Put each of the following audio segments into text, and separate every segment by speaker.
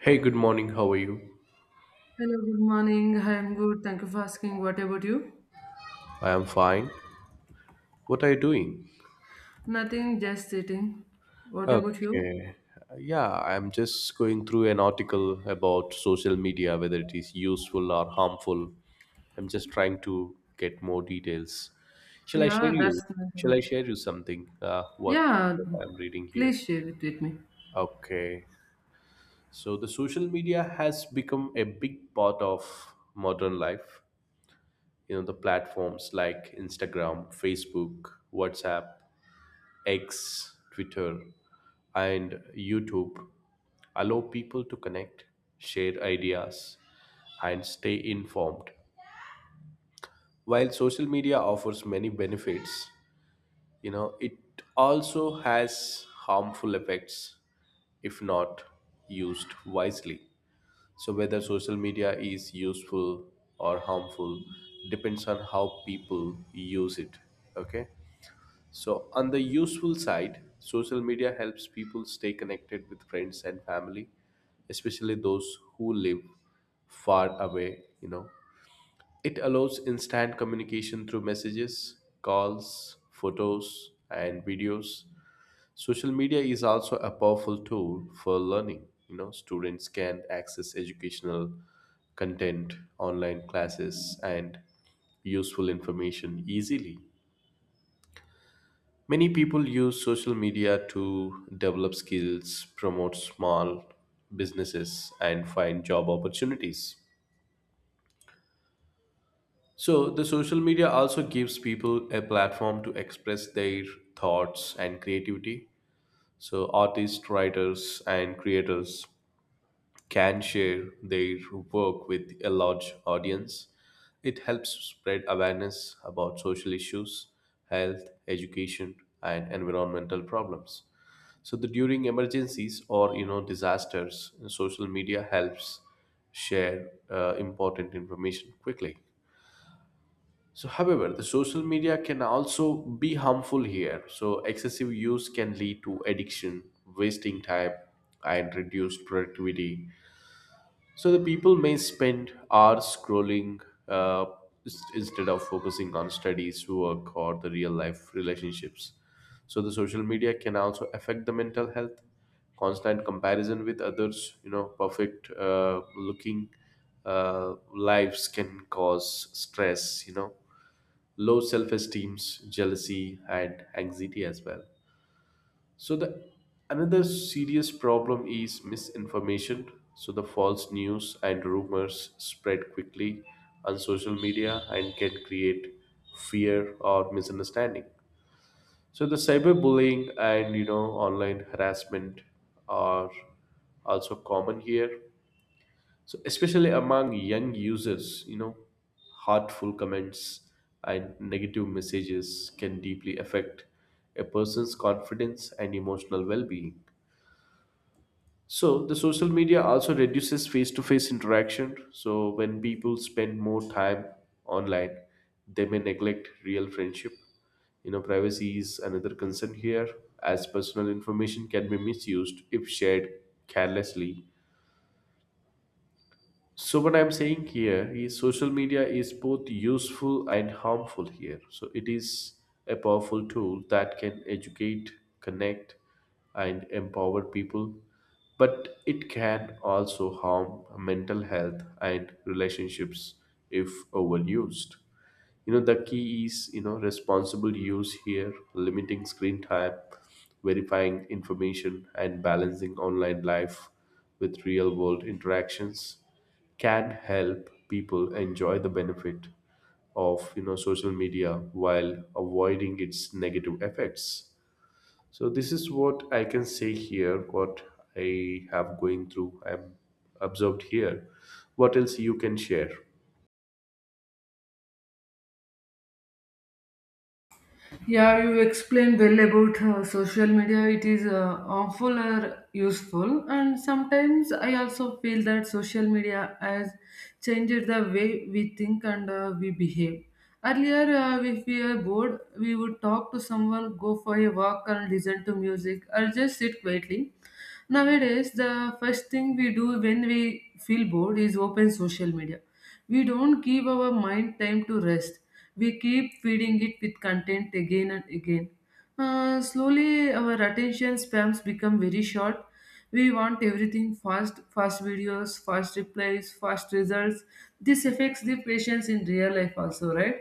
Speaker 1: Hey, good morning. How are you?
Speaker 2: Hello, good morning. Hi, I'm good. Thank you for asking. What about you?
Speaker 1: I am fine. What are you doing?
Speaker 2: Nothing, just sitting. What about you?
Speaker 1: Okay. Yeah, I'm just going through an article about social media, whether it is useful or harmful. I'm just trying to get more details. Shall I share
Speaker 2: Yeah,
Speaker 1: you?
Speaker 2: that's
Speaker 1: Shall
Speaker 2: nothing.
Speaker 1: I share you something? What
Speaker 2: Yeah,
Speaker 1: I'm reading here.
Speaker 2: please share it with me.
Speaker 1: Okay. So the social media has become a big part of modern life. The platforms like Instagram, Facebook, WhatsApp, X, Twitter, and YouTube allow people to connect, share ideas, and stay informed. While social media offers many benefits, it also has harmful effects if not used wisely. So, whether social media is useful or harmful depends on how people use it. Okay. So, on the useful side, social media helps people stay connected with friends and family, especially those who live far away. It allows instant communication through messages, calls, photos, and videos. Social media is also a powerful tool for learning. Students can access educational content, online classes, and useful information easily. Many people use social media to develop skills, promote small businesses, and find job opportunities. So, the social media also gives people a platform to express their thoughts and creativity. So, artists, writers, and creators can share their work with a large audience. It helps spread awareness about social issues, health, education, and environmental problems. So the during emergencies or disasters, social media helps share important information quickly. So, however, the social media can also be harmful here. So, excessive use can lead to addiction, wasting time, and reduced productivity. So the people may spend hours scrolling uh, instead of focusing on studies, work, or the real life relationships. So the social media can also affect the mental health. Constant comparison with others, you know, perfect looking lives can cause stress, low self esteem, jealousy, and anxiety as well. So the another serious problem is misinformation. So the false news and rumors spread quickly on social media and can create fear or misunderstanding. So the cyberbullying and online harassment are also common here. So especially among young users, hurtful comments and negative messages can deeply affect a person's confidence and emotional well-being. So the social media also reduces face-to-face interaction. So when people spend more time online, they may neglect real friendship. Privacy is another concern here, as personal information can be misused if shared carelessly. So what I'm saying here is social media is both useful and harmful here. So it is a powerful tool that can educate, connect, and empower people, but it can also harm mental health and relationships if overused. The key is responsible use here, limiting screen time, verifying information, and balancing online life with real world interactions can help people enjoy the benefit of social media while avoiding its negative effects. So this is what I can say here, what I have going through, I'm observed here. What else you can share?
Speaker 2: Yeah, you explained well about social media. It is harmful or useful, and sometimes I also feel that social media has changed the way we think and we behave. Earlier, if we are bored, we would talk to someone, go for a walk, and listen to music, or just sit quietly. Nowadays, the first thing we do when we feel bored is open social media. We don't give our mind time to rest. We keep feeding it with content again and again. Slowly, our attention spans become very short. We want everything fast, fast videos, fast replies, fast results. This affects the patients in real life also, right?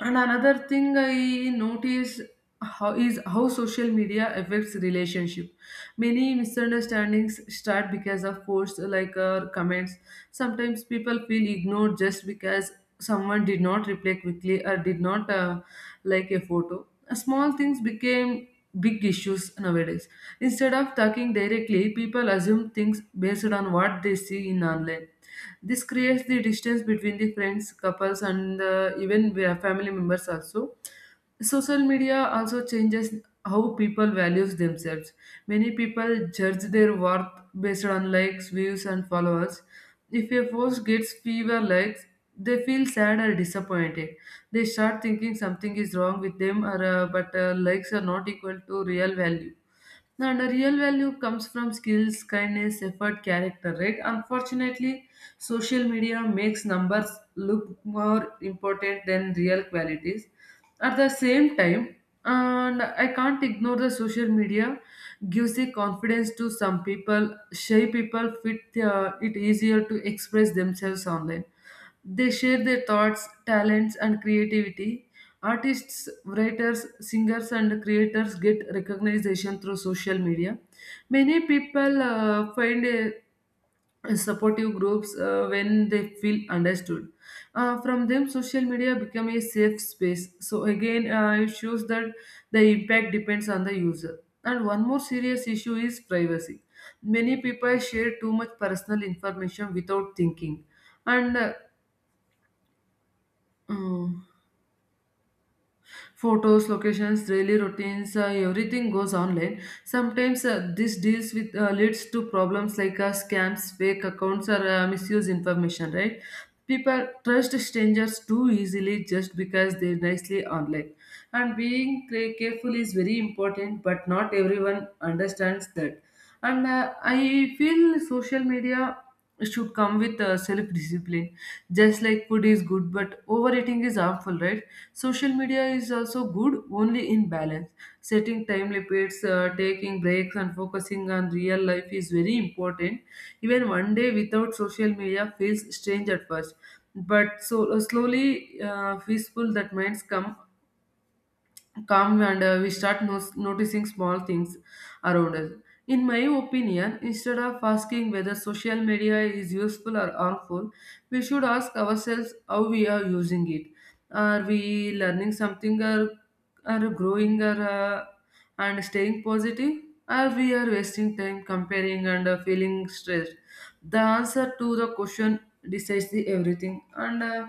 Speaker 2: And another thing I notice how social media affects relationship. Many misunderstandings start because of posts like comments. Sometimes people feel ignored just because someone did not reply quickly or did not like a photo. Small things became big issues nowadays. Instead of talking directly, people assume things based on what they see in online. This creates the distance between the friends, couples, and even we are family members also. Social media also changes how people values themselves. Many people judge their worth based on likes, views, and followers. If a post gets fewer likes, they feel sad or disappointed. They start thinking something is wrong with them, or but likes are not equal to real value. And the real value comes from skills, kindness, effort, character, right? Unfortunately, social media makes numbers look more important than real qualities. At the same time, and I can't ignore the social media gives a confidence to some people. Shy people fit it easier to express themselves online, they share their thoughts, talents, and creativity. Artists, writers, singers, and creators get recognition through social media. Many people find a supportive groups when they feel understood. From them, social media become a safe space. So again, it shows that the impact depends on the user. And one more serious issue is privacy. Many people share too much personal information without thinking, and mm, photos, locations, daily routines, everything goes online. Sometimes this deals with leads to problems like scams, fake accounts, or misuse information, right? People trust strangers too easily just because they're nicely online, and being careful is very important, but not everyone understands that. And I feel social media should come with self discipline. Just like food is good but overeating is harmful, right? Social media is also good only in balance. Setting time limits, taking breaks, and focusing on real life is very important. Even one day without social media feels strange at first, but so slowly peaceful that minds come calm, and we start noticing small things around us. In my opinion, instead of asking whether social media is useful or harmful, we should ask ourselves how we are using it. Are we learning something, or are growing, or, and staying positive? Or we are wasting time comparing and feeling stressed? The answer to the question decides the everything. And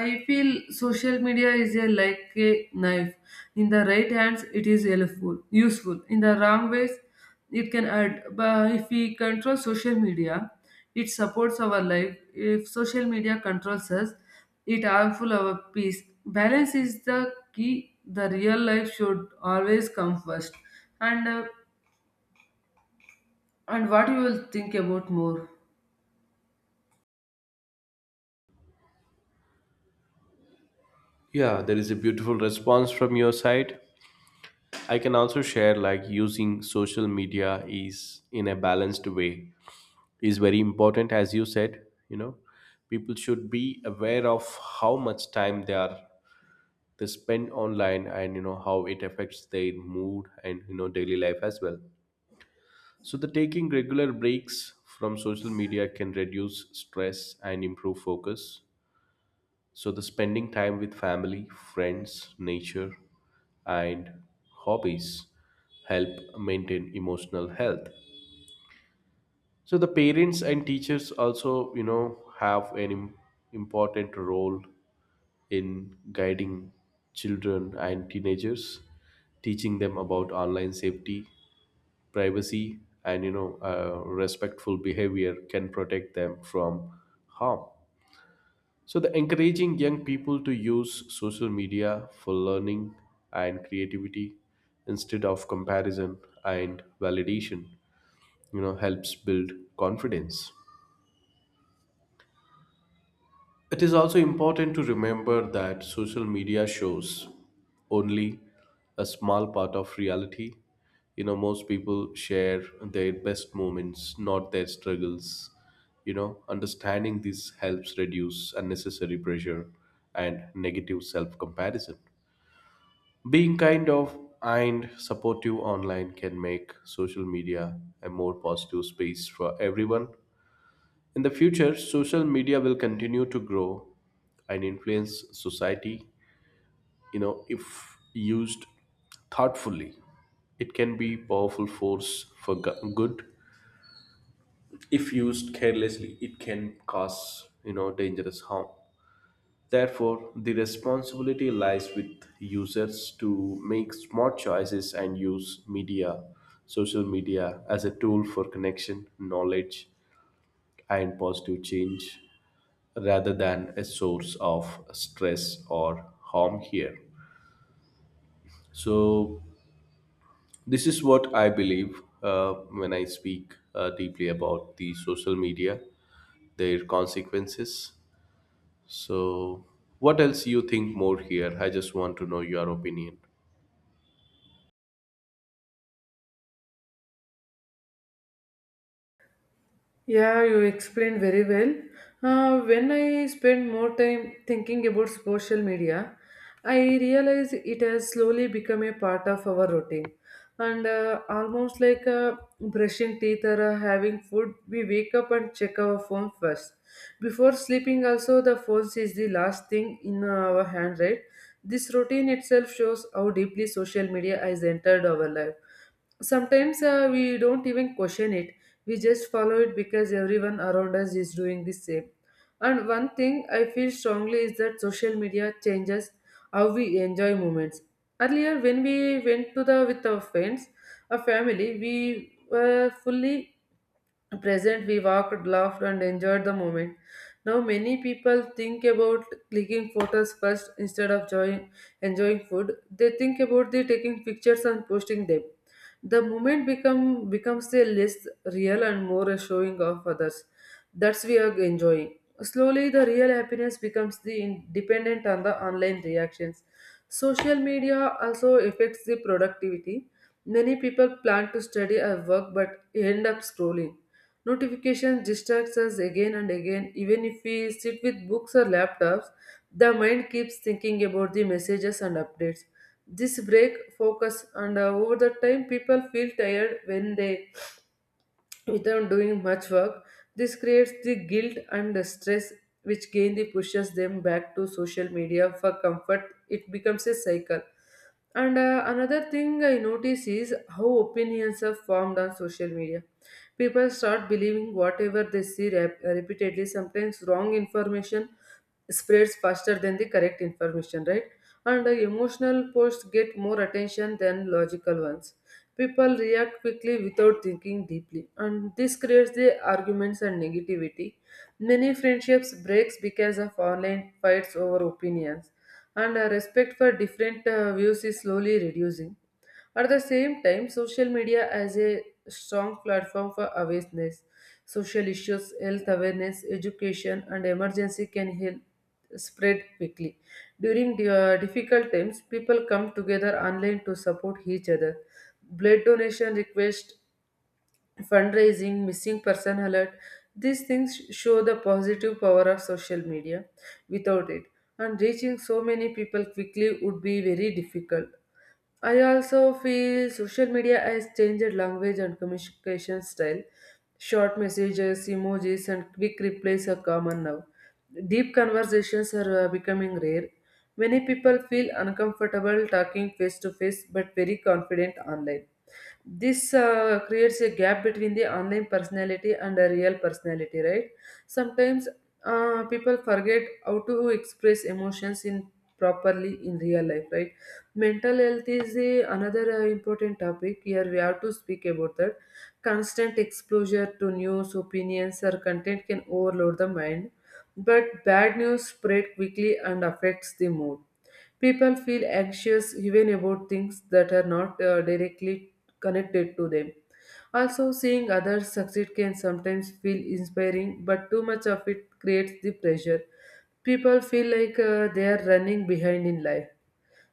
Speaker 2: I feel social media is a like a knife. In the right hands it is helpful, useful. In the wrong ways it can add. But if we control social media, it supports our life. If social media controls us, it harmful our peace. Balance is the key. The real life should always come first. And and what you will think about more?
Speaker 1: Yeah, there is a beautiful response from your side. I can also share, like, using social media is in a balanced way is very important as you said, People should be aware of how much time they spend online, and how it affects their mood, and daily life as well. So the taking regular breaks from social media can reduce stress and improve focus. So the spending time with family, friends, nature, and hobbies help maintain emotional health. So the parents and teachers also, have an important role in guiding children and teenagers, teaching them about online safety, privacy, and respectful behavior can protect them from harm. So, the encouraging young people to use social media for learning and creativity instead of comparison and validation, helps build confidence. It is also important to remember that social media shows only a small part of reality. Most people share their best moments, not their struggles. Understanding this helps reduce unnecessary pressure and negative self comparison. Being kind of and supportive online can make social media a more positive space for everyone. In the future, social media will continue to grow and influence society. If used thoughtfully, it can be powerful force for good. If used carelessly, it can cause dangerous harm. Therefore, the responsibility lies with users to make smart choices and use media, social media, as a tool for connection, knowledge, and positive change rather than a source of stress or harm here. So, this is what I believe when I speak deeply about the social media, their consequences. So, what else you think more here? I just want to know your opinion.
Speaker 2: Yeah, you explained very well. When I spend more time thinking about social media, I realize it has slowly become a part of our routine. And almost like brushing teeth or having food, we wake up and check our phone first. Before sleeping, also, the phone is the last thing in our hand, right? This routine itself shows how deeply social media has entered our life. Sometimes we don't even question it, we just follow it because everyone around us is doing the same. And one thing I feel strongly is that social media changes how we enjoy moments. Earlier, when we went to the with our friends, our family, we were fully present. We walked, laughed, and enjoyed the moment. Now, many people think about clicking photos first instead of enjoying food. They think about the taking pictures and posting them. The moment becomes a less real and more a showing of others. That's we are enjoying. Slowly, the real happiness becomes the dependent on the online reactions. Social media also affects the productivity. Many people plan to study or work but end up scrolling. Notifications distracts us again and again. Even if we sit with books or laptops, the mind keeps thinking about the messages and updates. This break focus, and over the time people feel tired when they without doing much work. This creates the guilt and the stress which again pushes them back to social media for comfort. It becomes a cycle. And another thing I notice is how opinions are formed on social media. People start believing whatever they see repeatedly. Sometimes wrong information spreads faster than the correct information, right? And emotional posts get more attention than logical ones. People react quickly without thinking deeply, and this creates the arguments and negativity. Many friendships breaks because of online fights over opinions, and respect for different views is slowly reducing. At the same time, social media as a strong platform for awareness, social issues, health awareness, education, and emergency can help spread quickly. During the, difficult times, people come together online to support each other. Blood donation request, fundraising, missing person alert. These things show the positive power of social media. Without it, and reaching so many people quickly would be very difficult. I also feel social media has changed language and communication style. Short messages, emojis, and quick replies are common now. Deep conversations are becoming rare. Many people feel uncomfortable talking face to face but very confident online. This creates a gap between the online personality and the real personality, right? Sometimes people forget how to express emotions in properly in real life, right? Mental health is another important topic. Here we have to speak about that. Constant exposure to news, opinions, or content can overload the mind, but bad news spread quickly and affects the mood. People feel anxious even about things that are not directly connected to them. Also, seeing others succeed can sometimes feel inspiring, but too much of it creates the pressure. People feel like they are running behind in life.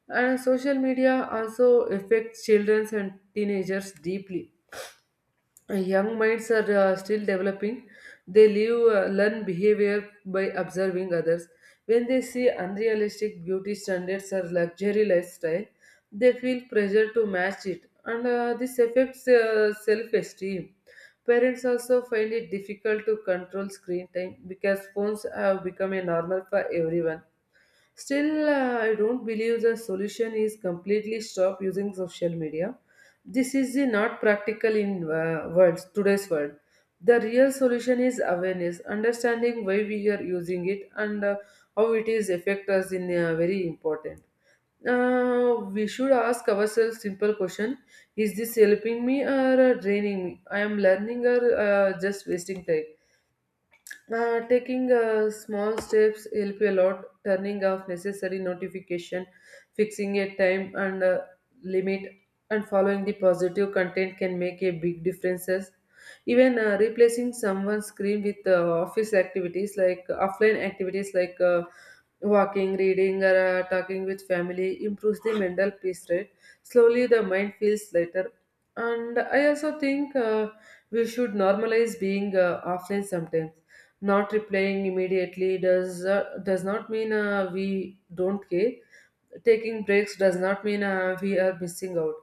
Speaker 2: And social media also affects children and teenagers deeply. Young minds are still developing. They learn behavior by observing others. When they see unrealistic beauty standards or luxury lifestyle, they feel pressure to match it, and this affects self-esteem. Parents also find it difficult to control screen time because phones have become a normal for everyone. Still, I don't believe the solution is completely stop using social media. This is the not practical in world today's world. The real solution is awareness, understanding why we are using it, and how it is affect us in very important. We should ask ourselves simple question: Is this helping me, or draining me? I am learning, or just wasting time? Taking small steps help you a lot. Turning off necessary notification, fixing a time and limit, and following the positive content can make a big differences. Even replacing someone's screen with office activities like offline activities like walking, reading, or talking with family improves the mental peace. Right, slowly the mind feels lighter. And I also think we should normalize being offline sometimes. Not replying immediately does not mean we don't care. Taking breaks does not mean we are missing out.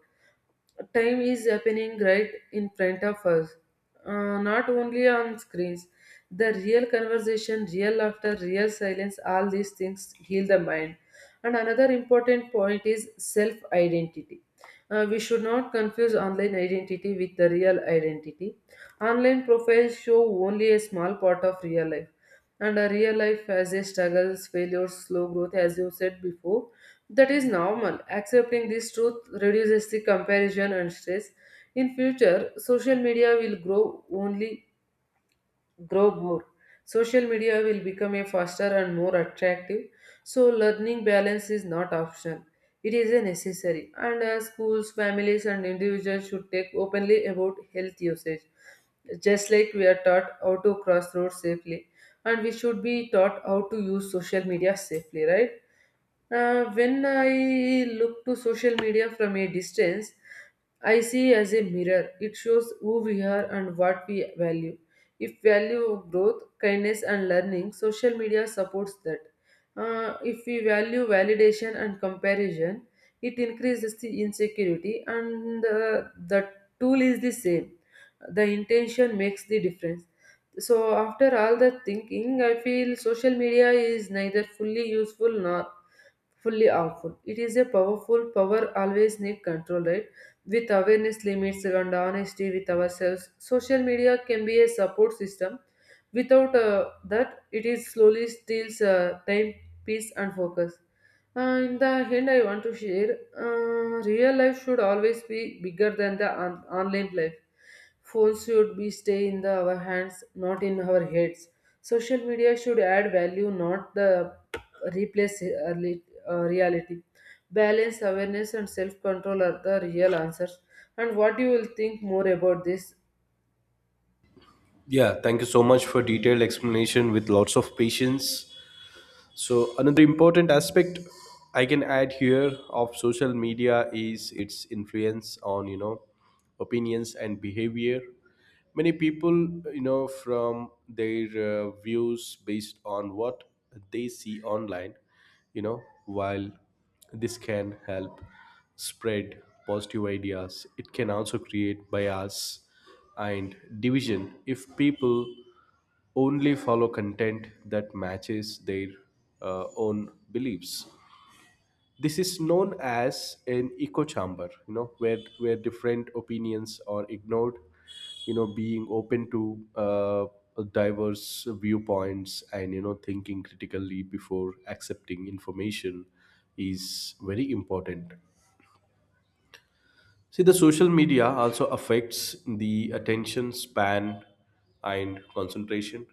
Speaker 2: Time is happening right in front of us, not only on screens. The real conversation, real laughter, real silence, all these things heal the mind. And another important point is self identity. We should not confuse online identity with the real identity. Online profiles show only a small part of real life, and a real life has a struggles, failures, slow growth, as you said before. That is normal. Accepting this truth reduces the comparison and stress. In future, social media will grow more. Social media will become a faster and more attractive. So learning balance is not optional. It is a necessary. And schools, families, and individuals should take openly about health usage. Just like we are taught how to cross roads safely, and we should be taught how to use social media safely, right? When I look to social media from a distance, I see as a mirror. It shows who we are and what we value. If value growth, kindness, and learning, social media supports that. If we value validation and comparison, it increases the insecurity, and the tool is the same. The intention makes the difference. So, after all that thinking, I feel social media is neither fully useful nor fully harmful. It is a powerful power, always need control, right? With awareness limits and honesty with ourselves, social media can be a support system. Without that, it is slowly steals time, peace, and focus. In the end, I want to share real life should always be bigger than the online life. Phones should be stay in the, our hands, not in our heads. Social media should add value, not the replace early, reality. Balance, awareness, and self control are the real answers. And what you will think more about this.
Speaker 1: Yeah, thank you so much for detailed explanation with lots of patience. So another important aspect I can add here of social media is its influence on opinions and behavior. Many people, from their views based on what they see online, you know while this can help spread positive ideas, it can also create bias and division if people only follow content that matches their own beliefs. This is known as an echo chamber, where different opinions are ignored. Being open to diverse viewpoints, and thinking critically before accepting information is very important. See, the social media also affects the attention span and concentration.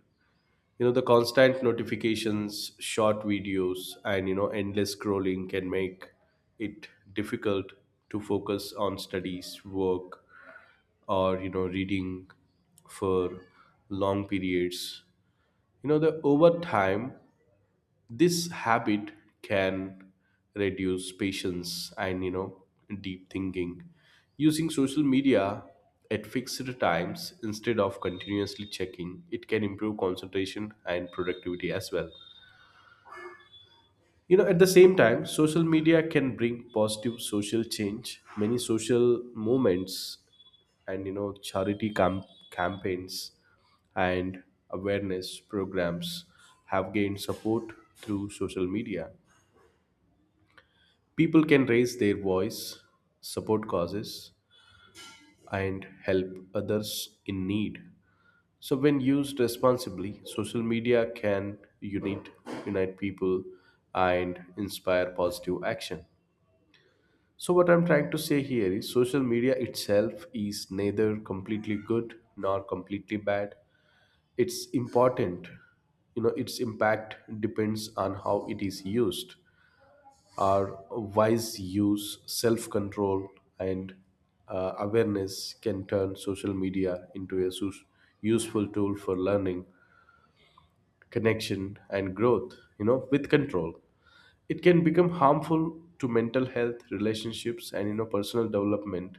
Speaker 1: The constant notifications, short videos, and endless scrolling can make it difficult to focus on studies, work, or reading for long periods. The over time, this habit can reduce patience and deep thinking. Using social media at fixed times instead of continuously checking it can improve concentration and productivity as well. At the same time, social media can bring positive social change. Many social movements, and charity campaigns, and awareness programs have gained support through social media. People can raise their voice, support causes, and help others in need. So, when used responsibly, social media can unite people and inspire positive action. So, what I'm trying to say here is social media itself is neither completely good nor completely bad. It's important, its impact depends on how it is used. Our wise use, self control, and awareness can turn social media into a useful tool for learning, connection, and growth, with control. It can become harmful to mental health, relationships, and, personal development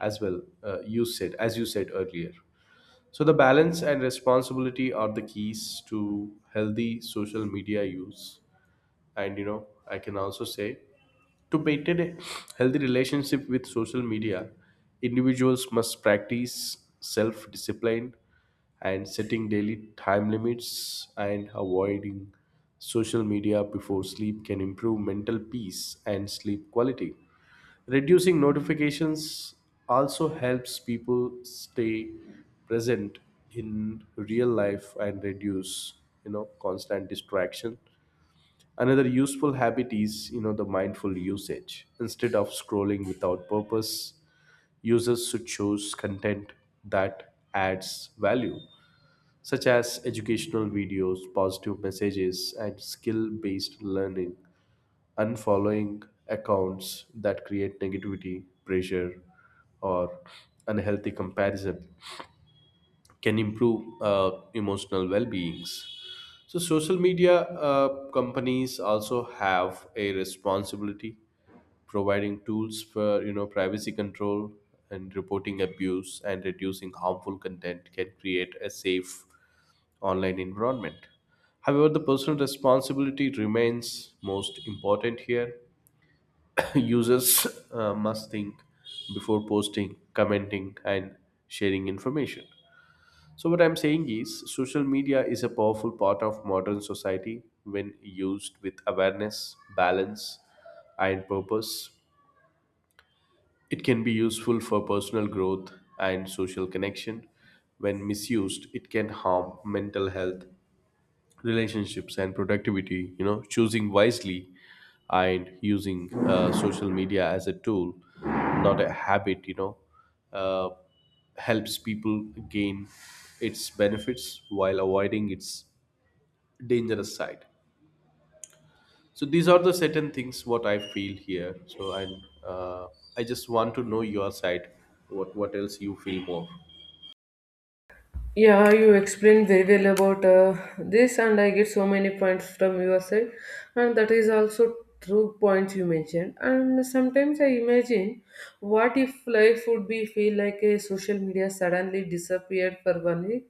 Speaker 1: as well, as you said earlier. So, the balance and responsibility are the keys to healthy social media use. And, I can also say to maintain a healthy relationship with social media, individuals must practice self discipline, and setting daily time limits and avoiding social media before sleep can improve mental peace and sleep quality. Reducing notifications also helps people stay present in real life and reduce constant distraction. Another useful habit is, the mindful usage. Instead of scrolling without purpose, users should choose content that adds value, such as educational videos, positive messages, and skill based learning. Unfollowing accounts that create negativity, pressure, or unhealthy comparison can improve emotional well-beings. So social media companies also have a responsibility. Providing tools for privacy control, and reporting abuse, and reducing harmful content can create a safe online environment. However, the personal responsibility remains most important here. Users must think before posting, commenting, and sharing information. So, what I'm saying is, social media is a powerful part of modern society when used with awareness, balance, and purpose. It can be useful for personal growth and social connection. When misused, it can harm mental health, relationships, and productivity. Choosing wisely and using social media as a tool, not a habit, uh, helps people gain its benefits while avoiding its dangerous side. So these are the certain things what I feel here. So i uh, i just want to know your side. What else you feel more?
Speaker 2: Yeah, you explained very well about this, and I get so many points from your side, and that is also true points you mentioned. And sometimes I imagine what if life would be feel like a social media suddenly disappeared for 1 week.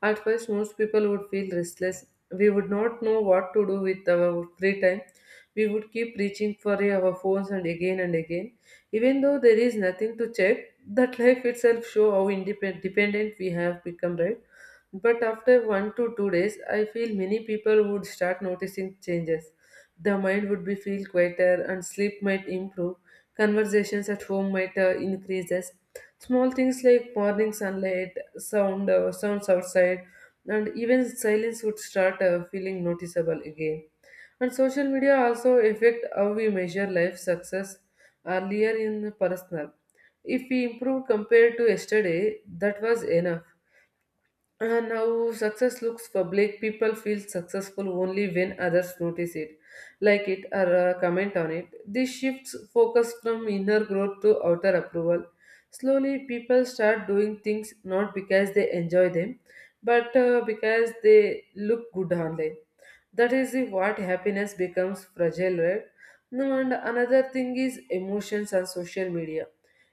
Speaker 2: At first, most people would feel restless. We would not know what to do with our free time. We would keep reaching for our phones and again and again. Even though there is nothing to check, that life itself show how independent dependent we have become, right? But after 1 to 2 days, I feel many people would start noticing changes. The mind would be feel quieter and sleep might improve. Conversations at home might increases. Small things like morning sunlight, sound, sounds outside, and even silence would start feeling noticeable again. And social media also affect how we measure life success earlier in personal. If we improve compared to yesterday, that was enough. And now success looks public. People feel successful only when others notice it, like it or comment on it. This shifts focus from inner growth to outer approval. Slowly, people start doing things not because they enjoy them, but because they look good online. That is the what happiness becomes fragile, right? No, and another thing is emotions and social media.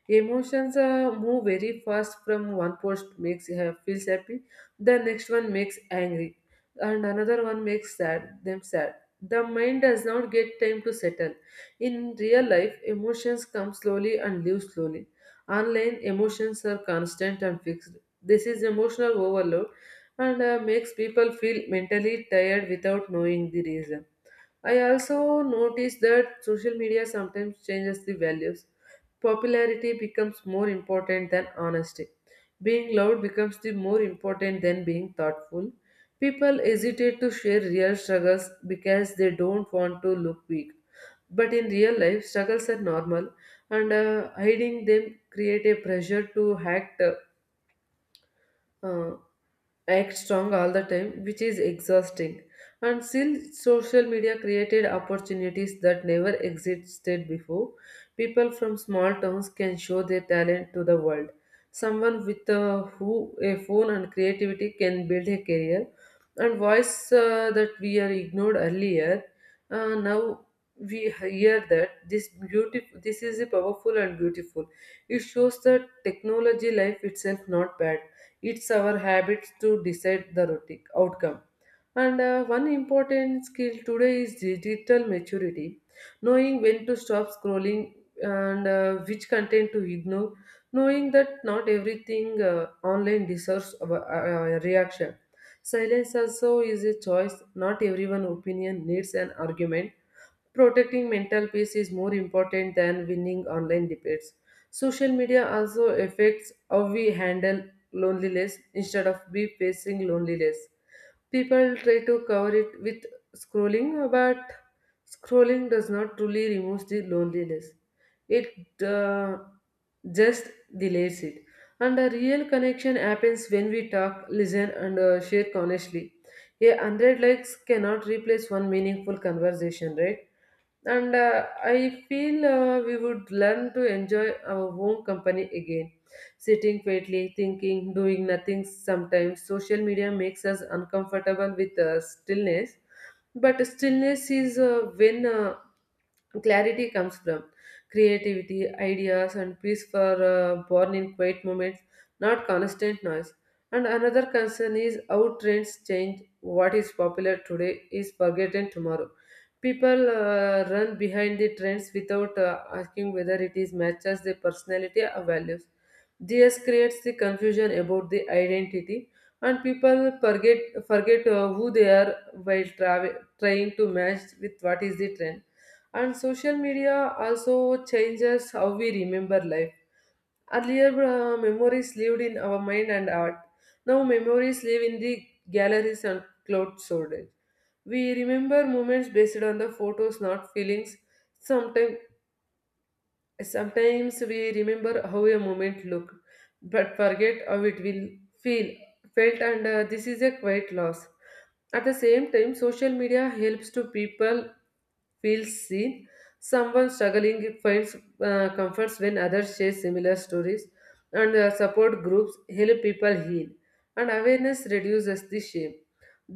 Speaker 2: Emotions move very fast from one post makes feels happy, the next one makes angry, and another one makes sad them sad. The mind does not get time to settle. In real life, emotions come slowly and leave slowly. Online emotions are constant and fixed. This is emotional overload and makes people feel mentally tired without knowing the reason. I also notice that social media sometimes changes the values. Popularity becomes more important than honesty. Being loud becomes the more important than being thoughtful. People hesitate to share real struggles because they don't want to look weak. But in real life, struggles are normal, and hiding them create a pressure to uh, act strong all the time, which is exhausting. And still, social media created opportunities that never existed before. People from small towns can show their talent to the world. Someone with a phone and creativity can build a career. And voice that we are ignored earlier, now we hear that this beautiful, this is a powerful and beautiful. It shows that technology life itself not bad, it's our habits to decide the outcome. And one important skill today is digital maturity, knowing when to stop scrolling and which content to ignore, knowing that not everything online deserves a reaction. Silence also is a choice. Not everyone opinion needs an argument. Protecting mental peace is more important than winning online debates. Social media also affects how we handle loneliness instead of we facing loneliness. People try to cover it with scrolling, but scrolling does not truly remove the loneliness. It just delays it. And a real connection happens when we talk, listen, and share honestly. A hundred likes cannot replace one meaningful conversation, right? And I feel we would learn to enjoy our own company again. Sitting quietly, thinking, doing nothing sometimes. Social media makes us uncomfortable with stillness, but stillness is when Clarity comes from creativity, ideas, and peace for born in quiet moments, not constant noise. And another concern is how trends change. What is popular today is forgotten tomorrow. People run behind the trends without asking whether it is matches their personality or values. This creates the confusion about the identity, and people forget who they are while trying to match with what is the trend. And social media also changes how we remember life. Earlier, memories lived in our mind and art. Now, memories live in the galleries and cloud storage. We remember moments based on the photos, not feelings. Sometimes Sometimes we remember how a moment looked, but forget how it will feel felt, and this is a quite loss. At the same time, social media helps to people feels seen. Someone struggling finds comforts when others share similar stories, and support groups help people heal, and awareness reduces the shame.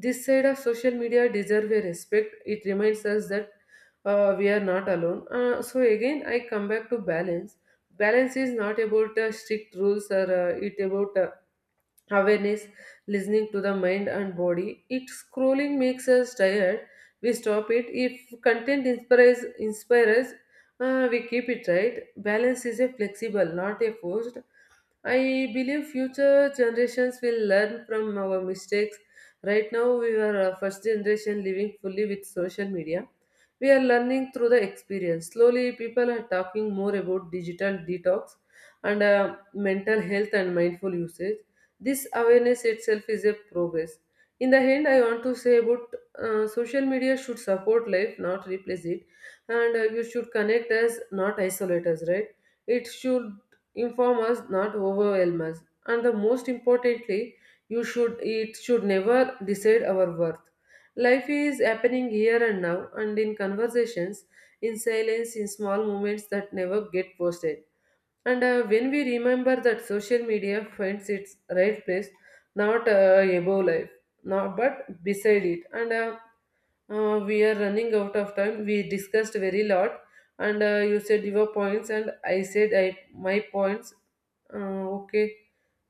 Speaker 2: This side of social media deserves a respect. It reminds us that we are not alone. So again, I come back to balance. Balance is not about strict rules or it about awareness, listening to the mind and body. If scrolling makes us tired, we stop it. If content inspires us, we keep it right. Balance is a flexible, not a forced. I believe future generations will learn from our mistakes. Right now, we are a first generation living fully with social media. We are learning through the experience. Slowly, people are talking more about digital detox and mental health and mindful usage. This awareness itself is a progress. In the end, I want to say about social media should support life, not replace it, and you should connect us, not isolate us, right? It should inform us not overwhelm us, and the most importantly, you should it should never decide our worth. Life is happening here and now, and in conversations, in silence, in small moments that never get posted. And when we remember that, social media finds its right place, not above life, not but beside it. And we are running out of time. We discussed very lot, and you said your points, and I said I my points. Okay,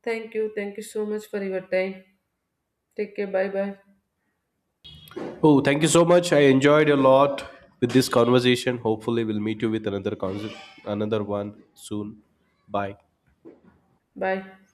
Speaker 2: thank you so much for your time. Take care. Bye bye.
Speaker 1: Oh, thank you so much. I enjoyed a lot with this conversation. Hopefully, we'll meet you with another concert, another one soon. Bye.
Speaker 2: Bye.